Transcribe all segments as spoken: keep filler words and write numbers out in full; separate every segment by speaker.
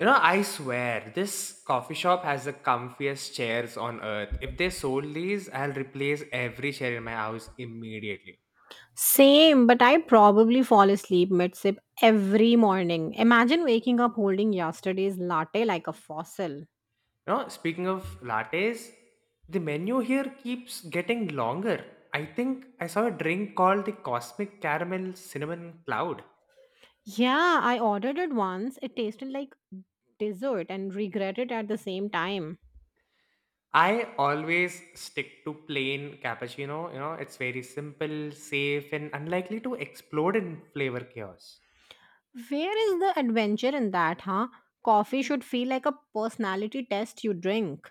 Speaker 1: You know, I swear, this coffee shop has the comfiest chairs on earth. If they sold these, I'll replace every chair in my house immediately.
Speaker 2: Same, but I probably fall asleep mid sip every morning. Imagine waking up holding yesterday's latte like a fossil.
Speaker 1: You know, speaking of lattes, the menu here keeps getting longer. I think I saw a drink called the Cosmic Caramel Cinnamon Cloud.
Speaker 2: Yeah, I ordered it once. It tasted like dessert and regret it at the same time.
Speaker 1: I always stick to plain cappuccino, you know, it's very simple, safe, and unlikely to explode in flavor chaos.
Speaker 2: Where is the adventure in that, huh? Coffee should feel like a personality test you drink.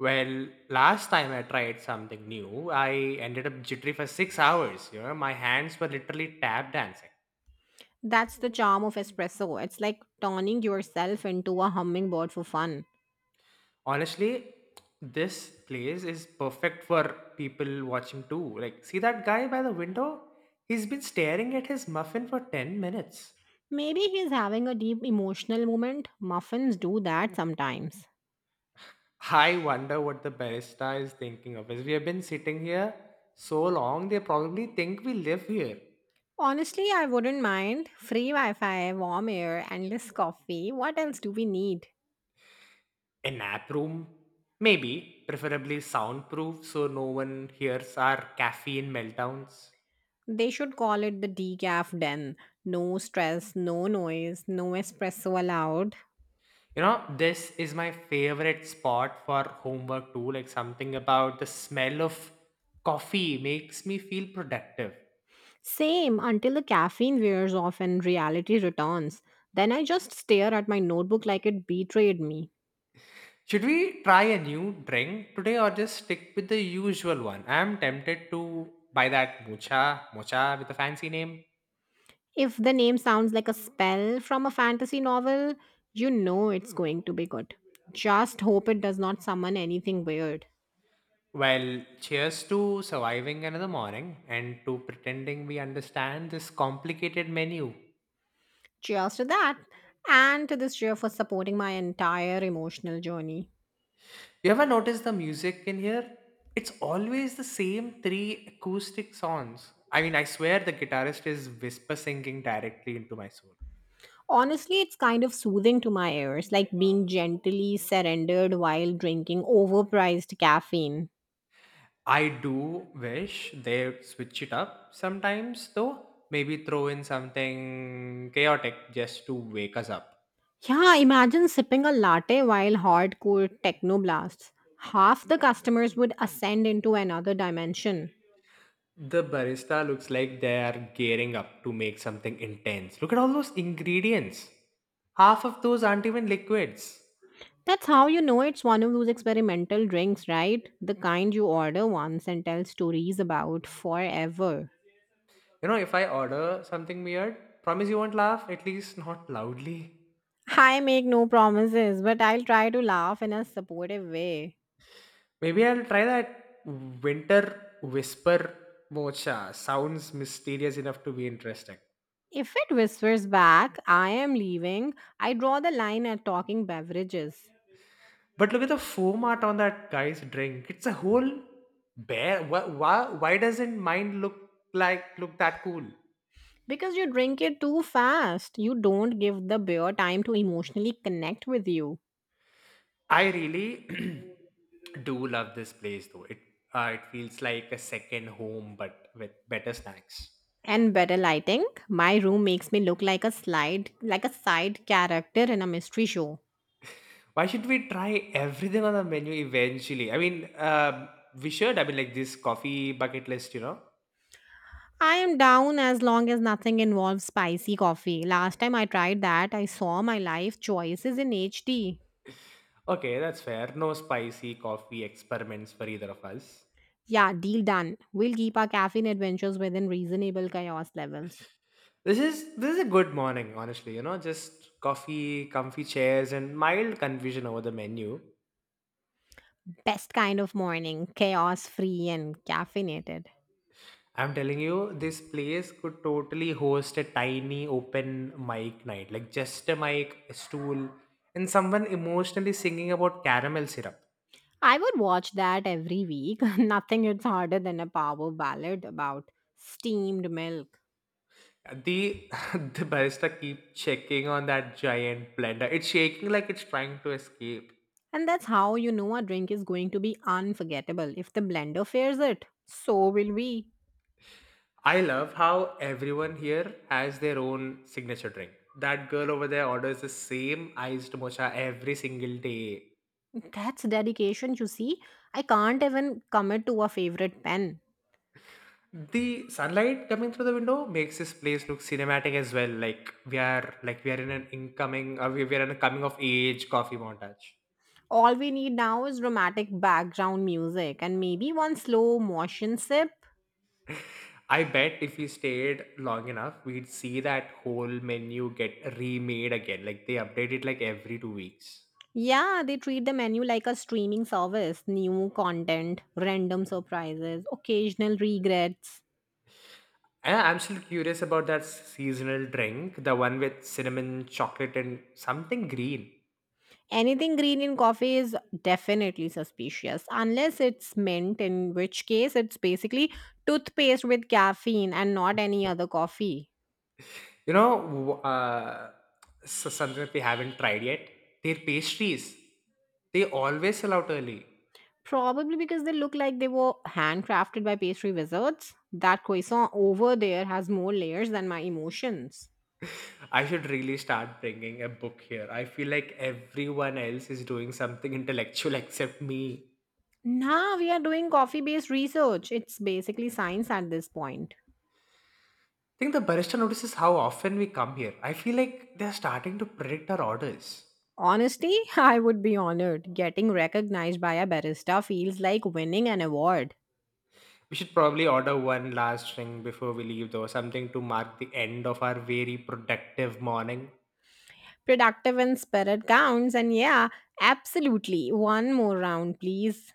Speaker 1: Well, last time I tried something new, I ended up jittery for six hours. You know, my hands were literally tap dancing.
Speaker 2: That's the charm of espresso. It's like turning yourself into a hummingbird for fun.
Speaker 1: Honestly, this place is perfect for people watching too. Like, see that guy by the window? He's been staring at his muffin for ten minutes.
Speaker 2: Maybe he's having a deep emotional moment. Muffins do that sometimes.
Speaker 1: I wonder what the barista is thinking of us. We have been sitting here so long, they probably think we live here.
Speaker 2: Honestly, I wouldn't mind. Free Wi Fi, warm air, endless coffee. What else do we need?
Speaker 1: A nap room? Maybe, preferably soundproof so no one hears our caffeine meltdowns.
Speaker 2: They should call it the decaf den. No stress, no noise, no espresso allowed.
Speaker 1: You know, this is my favorite spot for homework too. Like something about the smell of coffee makes me feel productive.
Speaker 2: Same until the caffeine wears off and reality returns. Then I just stare at my notebook like it betrayed me.
Speaker 1: Should we try a new drink today or just stick with the usual one? I'm tempted to buy that mocha, mocha with a fancy name.
Speaker 2: If the name sounds like a spell from a fantasy novel, you know it's going to be good. Just hope it does not summon anything weird.
Speaker 1: Well, cheers to surviving another morning and to pretending we understand this complicated menu.
Speaker 2: Cheers to that. And to this cheer for supporting my entire emotional journey.
Speaker 1: You ever notice the music in here? It's always the same three acoustic songs. I mean, I swear the guitarist is whisper singing directly into my soul.
Speaker 2: Honestly, it's kind of soothing to my ears, like being gently surrendered while drinking overpriced caffeine.
Speaker 1: I do wish they switch it up sometimes, though. Maybe throw in something chaotic just to wake us up.
Speaker 2: Yeah, imagine sipping a latte while hardcore techno blasts. Half the customers would ascend into another dimension.
Speaker 1: The barista looks like they are gearing up to make something intense. Look at all those ingredients. Half of those aren't even liquids.
Speaker 2: That's how you know it's one of those experimental drinks, right? The kind you order once and tell stories about forever.
Speaker 1: You know, if I order something weird, promise you won't laugh, at least not loudly.
Speaker 2: I make no promises, but I'll try to laugh in a supportive way.
Speaker 1: Maybe I'll try that winter whisper mocha. Sounds mysterious enough to be interesting.
Speaker 2: If it whispers back, I am leaving, I draw the line at talking beverages.
Speaker 1: But look at the foam art on that guy's drink. It's a whole bear. Why, why, why doesn't mine look like look that cool?
Speaker 2: Because you drink it too fast, you don't give the beer time to emotionally connect with you.
Speaker 1: I really do love this place though. It uh, it feels like a second home, but with better snacks.
Speaker 2: And better lighting, my room makes me look like a slide, like a side character in a mystery show.
Speaker 1: Why should we try everything on the menu eventually? I mean, um we should. I mean, like this coffee bucket list, you know.
Speaker 2: I am down as long as nothing involves spicy coffee. Last time I tried that, I saw my life choices in H D.
Speaker 1: Okay, that's fair. No spicy coffee experiments for either of us.
Speaker 2: Yeah, deal done. We'll keep our caffeine adventures within reasonable chaos levels.
Speaker 1: This is this is a good morning, honestly. You know, just coffee, comfy chairs, and mild confusion over the menu.
Speaker 2: Best kind of morning, chaos free and caffeinated.
Speaker 1: I'm telling you, this place could totally host a tiny open mic night, like just a mic, a stool, and someone emotionally singing about caramel syrup.
Speaker 2: I would watch that every week. Nothing hits harder than a power ballad about steamed milk.
Speaker 1: The the barista keep checking on that giant blender. It's shaking like it's trying to escape.
Speaker 2: And that's how you know a drink is going to be unforgettable. If the blender fears it, so will we.
Speaker 1: I love how everyone here has their own signature drink. That girl over there orders the same iced mocha every single day.
Speaker 2: That's dedication, you see. I can't even commit to a favorite pen.
Speaker 1: The sunlight coming through the window makes this place look cinematic as well, like we are like we are in an incoming uh, we, we are in a coming of age coffee montage.
Speaker 2: All we need now is romantic background music and maybe one slow motion sip.
Speaker 1: I bet if we stayed long enough, we'd see that whole menu get remade again, like they update it like every two weeks.
Speaker 2: Yeah, they treat the menu like a streaming service. New content, random surprises, occasional regrets.
Speaker 1: And I'm still curious about that seasonal drink, the one with cinnamon, chocolate, and something green.
Speaker 2: Anything green in coffee is definitely suspicious, unless it's mint, in which case it's basically toothpaste with caffeine and not any other coffee.
Speaker 1: You know, w- uh, so something that we haven't tried yet. Their pastries. They always sell out early.
Speaker 2: Probably because they look like they were handcrafted by pastry wizards. That croissant over there has more layers than my emotions.
Speaker 1: I should really start bringing a book here. I feel like everyone else is doing something intellectual except me.
Speaker 2: Now we are doing coffee based research. It's basically science at this point.
Speaker 1: I think the barista notices how often we come here. I feel like they're starting to predict our orders.
Speaker 2: Honestly, I would be honored. Getting recognized by a barista feels like winning an award.
Speaker 1: We should probably order one last thing before we leave, though, something to mark the end of our very productive morning.
Speaker 2: Productive in spirit counts, and yeah, absolutely. One more round, please.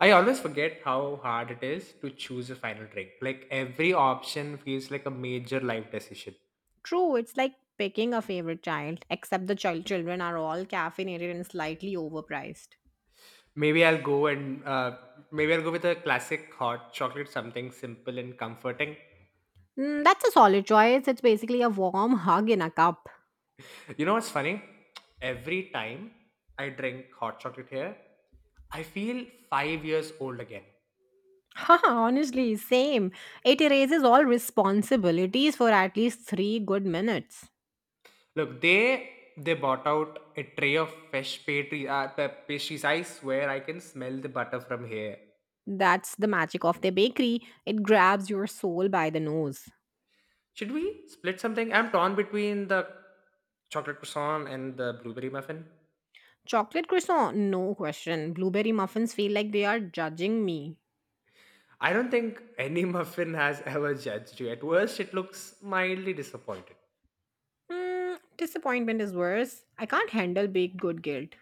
Speaker 1: I always forget how hard it is to choose a final drink. Like every option feels like a major life decision.
Speaker 2: True, it's like picking a favorite child, except the child children are all caffeinated and slightly overpriced.
Speaker 1: Maybe I'll go and uh, maybe I'll go with a classic hot chocolate, something simple and comforting.
Speaker 2: Mm, that's a solid choice. It's basically a warm hug in a cup.
Speaker 1: You know what's funny? Every time I drink hot chocolate here, I feel five years old again.
Speaker 2: Haha, honestly, same. It erases all responsibilities for at least three good minutes.
Speaker 1: Look, they they bought out a tray of fresh pastry, uh, pa- pastries. I swear I can smell the butter from here.
Speaker 2: That's the magic of the bakery. It grabs your soul by the nose.
Speaker 1: Should we split something? I'm torn between the chocolate croissant and the blueberry muffin.
Speaker 2: Chocolate croissant, no question. Blueberry muffins feel like they are judging me.
Speaker 1: I don't think any muffin has ever judged you. At worst, it looks mildly disappointed.
Speaker 2: Mm, disappointment is worse. I can't handle baked good guilt.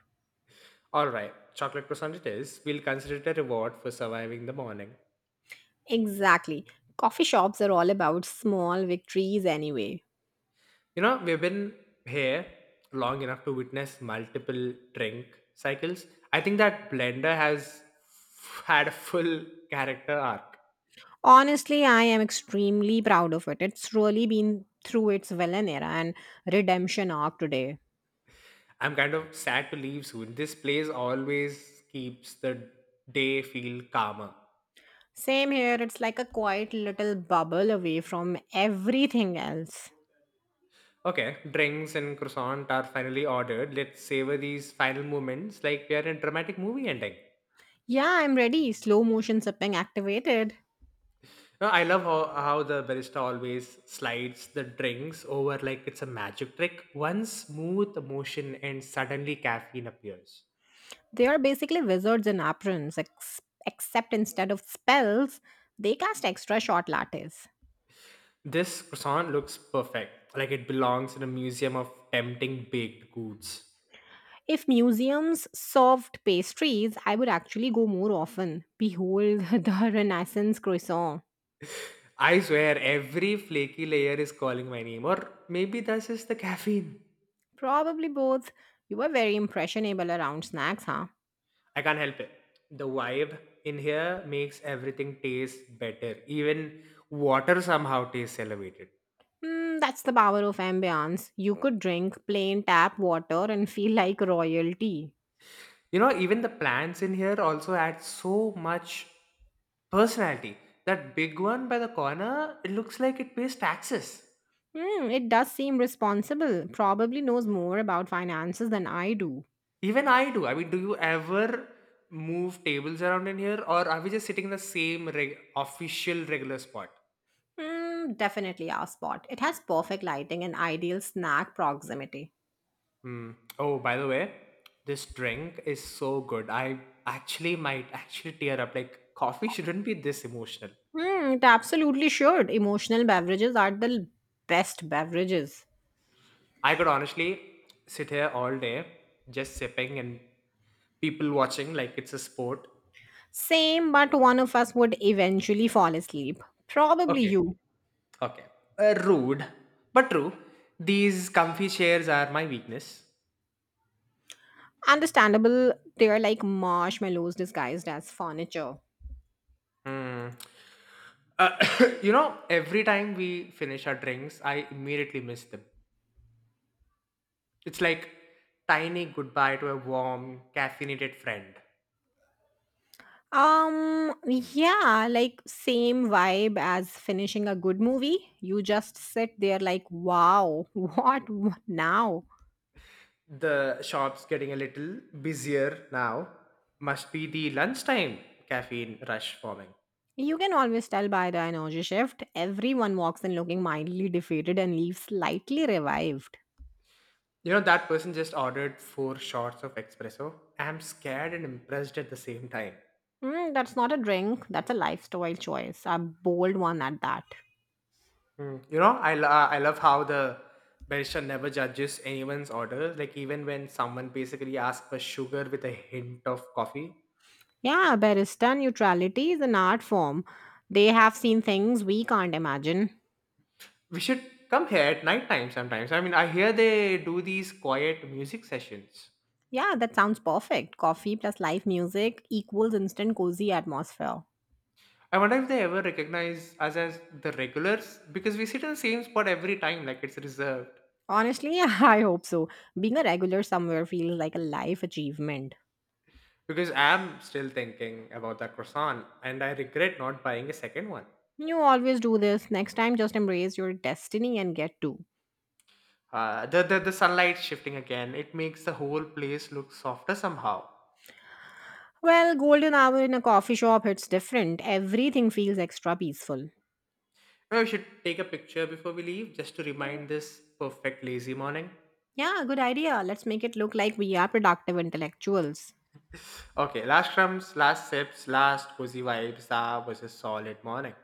Speaker 1: All right, chocolate croissant it is. We'll consider it a reward for surviving the morning.
Speaker 2: Exactly. Coffee shops are all about small victories anyway.
Speaker 1: You know, we've been here long enough to witness multiple drink cycles. I think that blender has f- had a full character arc.
Speaker 2: Honestly, I am extremely proud of it. It's really been through its villain era and redemption arc today.
Speaker 1: I'm kind of sad to leave soon. This place always keeps the day feel calmer.
Speaker 2: Same here, it's like a quiet little bubble away from everything else.
Speaker 1: Okay, drinks and croissant are finally ordered. Let's savor these final moments like we are in a dramatic movie ending.
Speaker 2: Yeah, I'm ready. Slow motion sipping activated.
Speaker 1: Uh, I love how, how the barista always slides the drinks over like it's a magic trick. One smooth motion and suddenly caffeine appears.
Speaker 2: They are basically wizards in aprons, ex- except instead of spells, they cast extra short lattes.
Speaker 1: This croissant looks perfect, like it belongs in a museum of tempting baked goods.
Speaker 2: If museums served pastries, I would actually go more often. Behold the Renaissance croissant.
Speaker 1: I swear, every flaky layer is calling my name, or maybe that's just the caffeine.
Speaker 2: Probably both. You were very impressionable around snacks, huh?
Speaker 1: I can't help it. The vibe in here makes everything taste better. Even water somehow tastes elevated.
Speaker 2: Mm, that's the power of ambience. You could drink plain tap water and feel like royalty.
Speaker 1: You know, even the plants in here also add so much personality. That big one by the corner, it looks like it pays taxes.
Speaker 2: Hmm, it does seem responsible. Probably knows more about finances than I do.
Speaker 1: Even I do. I mean, do you ever move tables around in here, or are we just sitting in the same reg- official regular spot?
Speaker 2: Hmm, definitely our spot. It has perfect lighting and ideal snack proximity.
Speaker 1: Hmm. Oh, by the way, this drink is so good. I actually might actually tear up. Like, coffee shouldn't be this emotional.
Speaker 2: Hmm, it absolutely should. Emotional beverages are the best beverages.
Speaker 1: I could honestly sit here all day just sipping and people watching like it's a sport.
Speaker 2: Same, but one of us would eventually fall asleep. Probably
Speaker 1: Okay,
Speaker 2: you.
Speaker 1: okay. Uh, rude, but true. These comfy chairs are my weakness.
Speaker 2: Understandable, they're like marshmallows disguised as furniture.
Speaker 1: Hmm. Uh, you know, every time we finish our drinks, I immediately miss them. It's like tiny goodbye to a warm, caffeinated friend.
Speaker 2: Um, yeah, like same vibe as finishing a good movie. You just sit there like, wow, what w- now?
Speaker 1: The shop's getting a little busier now. Must be the lunchtime caffeine rush forming.
Speaker 2: You can always tell by the energy shift. Everyone walks in looking mildly defeated and leaves slightly revived.
Speaker 1: You know, that person just ordered four shots of espresso. I'm scared and impressed at the same time.
Speaker 2: Mm, that's not a drink, that's a lifestyle choice. A bold one at that.
Speaker 1: Mm. You know, I, lo- uh, I love how the barista never judges anyone's order. Like, even when someone basically asks for sugar with a hint of coffee,
Speaker 2: Yeah, barista neutrality is an art form. They have seen things we can't imagine.
Speaker 1: we should come here at night time sometimes. I mean, I hear they do these quiet music sessions.
Speaker 2: Yeah, that sounds perfect. Coffee plus live music equals instant cozy atmosphere.
Speaker 1: I wonder if they ever recognize us as the regulars because we sit in the same spot every time, like it's reserved.
Speaker 2: Honestly, I hope so. Being a regular somewhere feels like a life achievement.
Speaker 1: Because I'm still thinking about that croissant and I regret not buying a second one.
Speaker 2: You always do this. Next time, just embrace your destiny and get to.
Speaker 1: Uh, the, the, the sunlight shifting again, it makes the whole place look softer somehow.
Speaker 2: Well, golden hour in a coffee shop, it's different. Everything feels extra peaceful.
Speaker 1: Maybe we should take a picture before we leave just to remind this perfect lazy morning.
Speaker 2: Yeah, good idea. Let's make it look like we are productive intellectuals.
Speaker 1: Okay, last crumbs, last sips, last cozy vibes. That was a solid morning.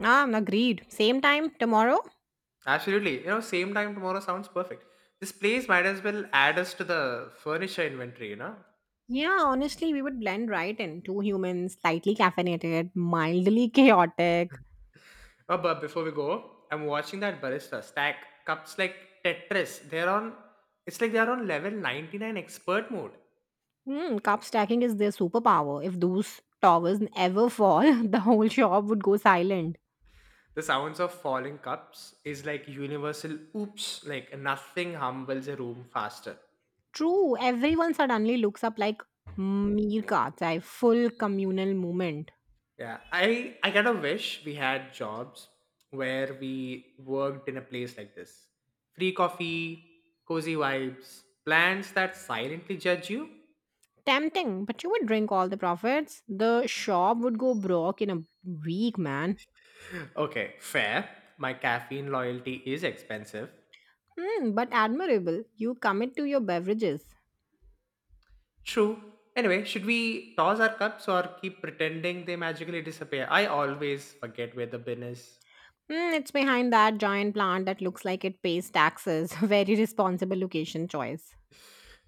Speaker 2: Ah, agreed. Same time tomorrow?
Speaker 1: Absolutely. You know, same time tomorrow sounds perfect. This place might as well add us to the furniture inventory, you know?
Speaker 2: Yeah, honestly, we would blend right in. Two humans, slightly caffeinated, mildly chaotic.
Speaker 1: Oh, but before we go, I'm watching that barista stack cups like Tetris. They're on, it's like they're on level ninety-nine expert mode.
Speaker 2: Hmm, cup stacking is their superpower. If those towers ever fall, the whole shop would go silent.
Speaker 1: The sounds of falling cups is like universal oops, like nothing humbles a room faster.
Speaker 2: True, everyone suddenly looks up like meerkats, a full communal movement.
Speaker 1: Yeah, I I kind of wish we had jobs where we worked in a place like this. Free coffee, cozy vibes, plants that silently judge you.
Speaker 2: Tempting, but you would drink all the profits. The shop would go broke in a week, man.
Speaker 1: Okay, fair. My caffeine loyalty is expensive.
Speaker 2: Mm, but admirable. You commit to your beverages.
Speaker 1: True. Anyway, should we toss our cups or keep pretending they magically disappear? I always forget where the bin is.
Speaker 2: Mm, it's behind that giant plant that looks like it pays taxes. Very responsible location choice.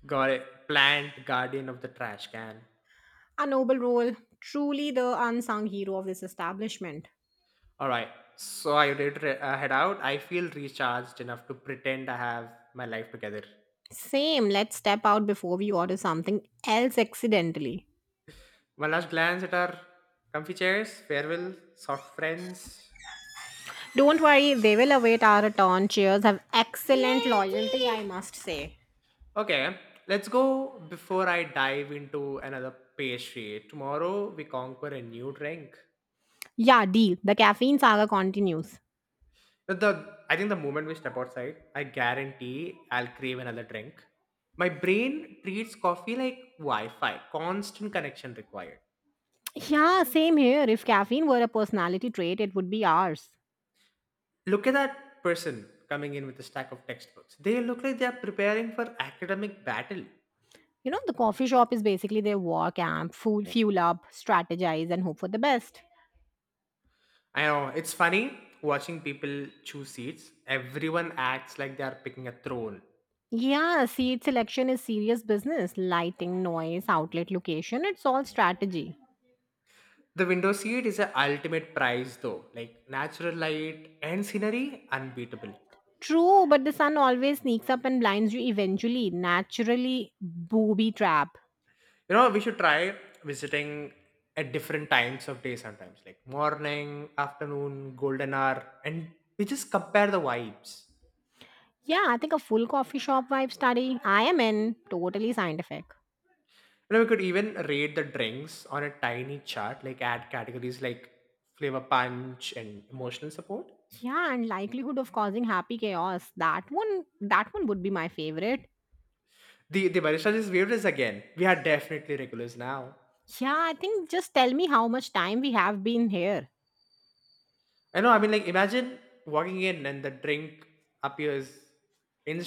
Speaker 1: Got it. Plant guardian of the trash can.
Speaker 2: A noble role. Truly the unsung hero of this establishment.
Speaker 1: All right. So I did re- uh, head out. I feel recharged enough to pretend I have my life together.
Speaker 2: Same. Let's step out before we order something else accidentally.
Speaker 1: One last glance at our comfy chairs. Farewell, soft friends.
Speaker 2: Don't worry, they will await our return. Cheers have excellent loyalty, I must say.
Speaker 1: Okay, let's go before I dive into another pastry. Tomorrow we conquer a new drink.
Speaker 2: Yeah, deal. The caffeine saga continues.
Speaker 1: But The I think the moment we step outside, I guarantee I'll crave another drink. My brain treats coffee like Wi-Fi, constant connection required.
Speaker 2: Yeah, same here. If caffeine were a personality trait, it would be ours.
Speaker 1: Look at that person coming in with a stack of textbooks. They look like they are preparing for academic battle.
Speaker 2: You know, the coffee shop is basically their war camp, food, fuel up, strategize, and hope for the best.
Speaker 1: I know it's funny watching people choose seats. Everyone acts like they are picking a throne.
Speaker 2: Yeah, seed selection is serious business. Lighting, noise, outlet location, it's all strategy.
Speaker 1: The window seat is the ultimate prize though. Like natural light and scenery, unbeatable.
Speaker 2: True, but the sun always sneaks up and blinds you eventually. Naturally, booby trap.
Speaker 1: You know, we should try visiting at different times of day sometimes, like morning, afternoon, golden hour, and we just compare the vibes.
Speaker 2: Yeah, I think a full coffee shop vibe study. I am in. Totally scientific.
Speaker 1: And we could even rate the drinks on a tiny chart, like add categories like flavor punch and emotional support.
Speaker 2: Yeah, and likelihood of causing happy chaos. That one that one would be my favorite.
Speaker 1: The the barista just waved us again. We are definitely regulars now.
Speaker 2: Yeah, I think just tell me how much time we have been here.
Speaker 1: I know. I mean, like imagine walking in and the drink appears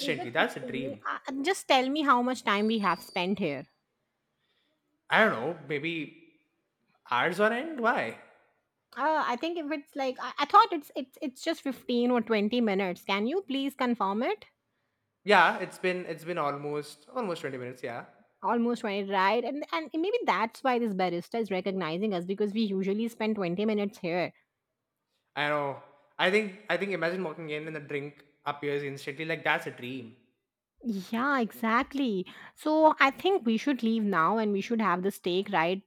Speaker 2: Is it
Speaker 1: That's a
Speaker 2: fifty?
Speaker 1: dream.
Speaker 2: Uh, uh, just tell me how much time we have spent here.
Speaker 1: I don't know. Maybe hours on end. Why?
Speaker 2: Uh, I think if it's like I, I thought it's it's it's just fifteen or twenty minutes. Can you please confirm it?
Speaker 1: Yeah, it's been it's been almost almost twenty minutes. Yeah,
Speaker 2: Almost twenty, right? And and maybe that's why this barista is recognizing us because we usually spend twenty minutes here.
Speaker 1: I know. I think I think imagine walking in and the drink appears instantly. Like that's a dream.
Speaker 2: Yeah, exactly. So I think we should leave now and we should have the steak right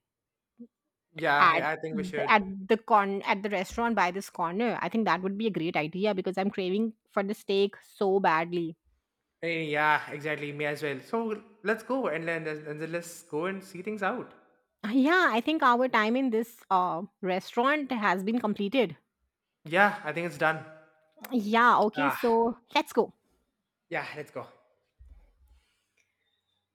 Speaker 1: Yeah,
Speaker 2: at
Speaker 1: yeah, I think we
Speaker 2: the,
Speaker 1: should.
Speaker 2: at the con at the restaurant by this corner. I think that would be a great idea because I'm craving for the steak so badly.
Speaker 1: Eh, Yeah, exactly. Me as well. So let's go, and then and then let's go and see things out.
Speaker 2: Yeah, I think our time in this uh, restaurant has been completed.
Speaker 1: Yeah, I think it's done.
Speaker 2: Yeah, okay,
Speaker 1: Ah,
Speaker 2: so let's go.
Speaker 1: yeah, let's go.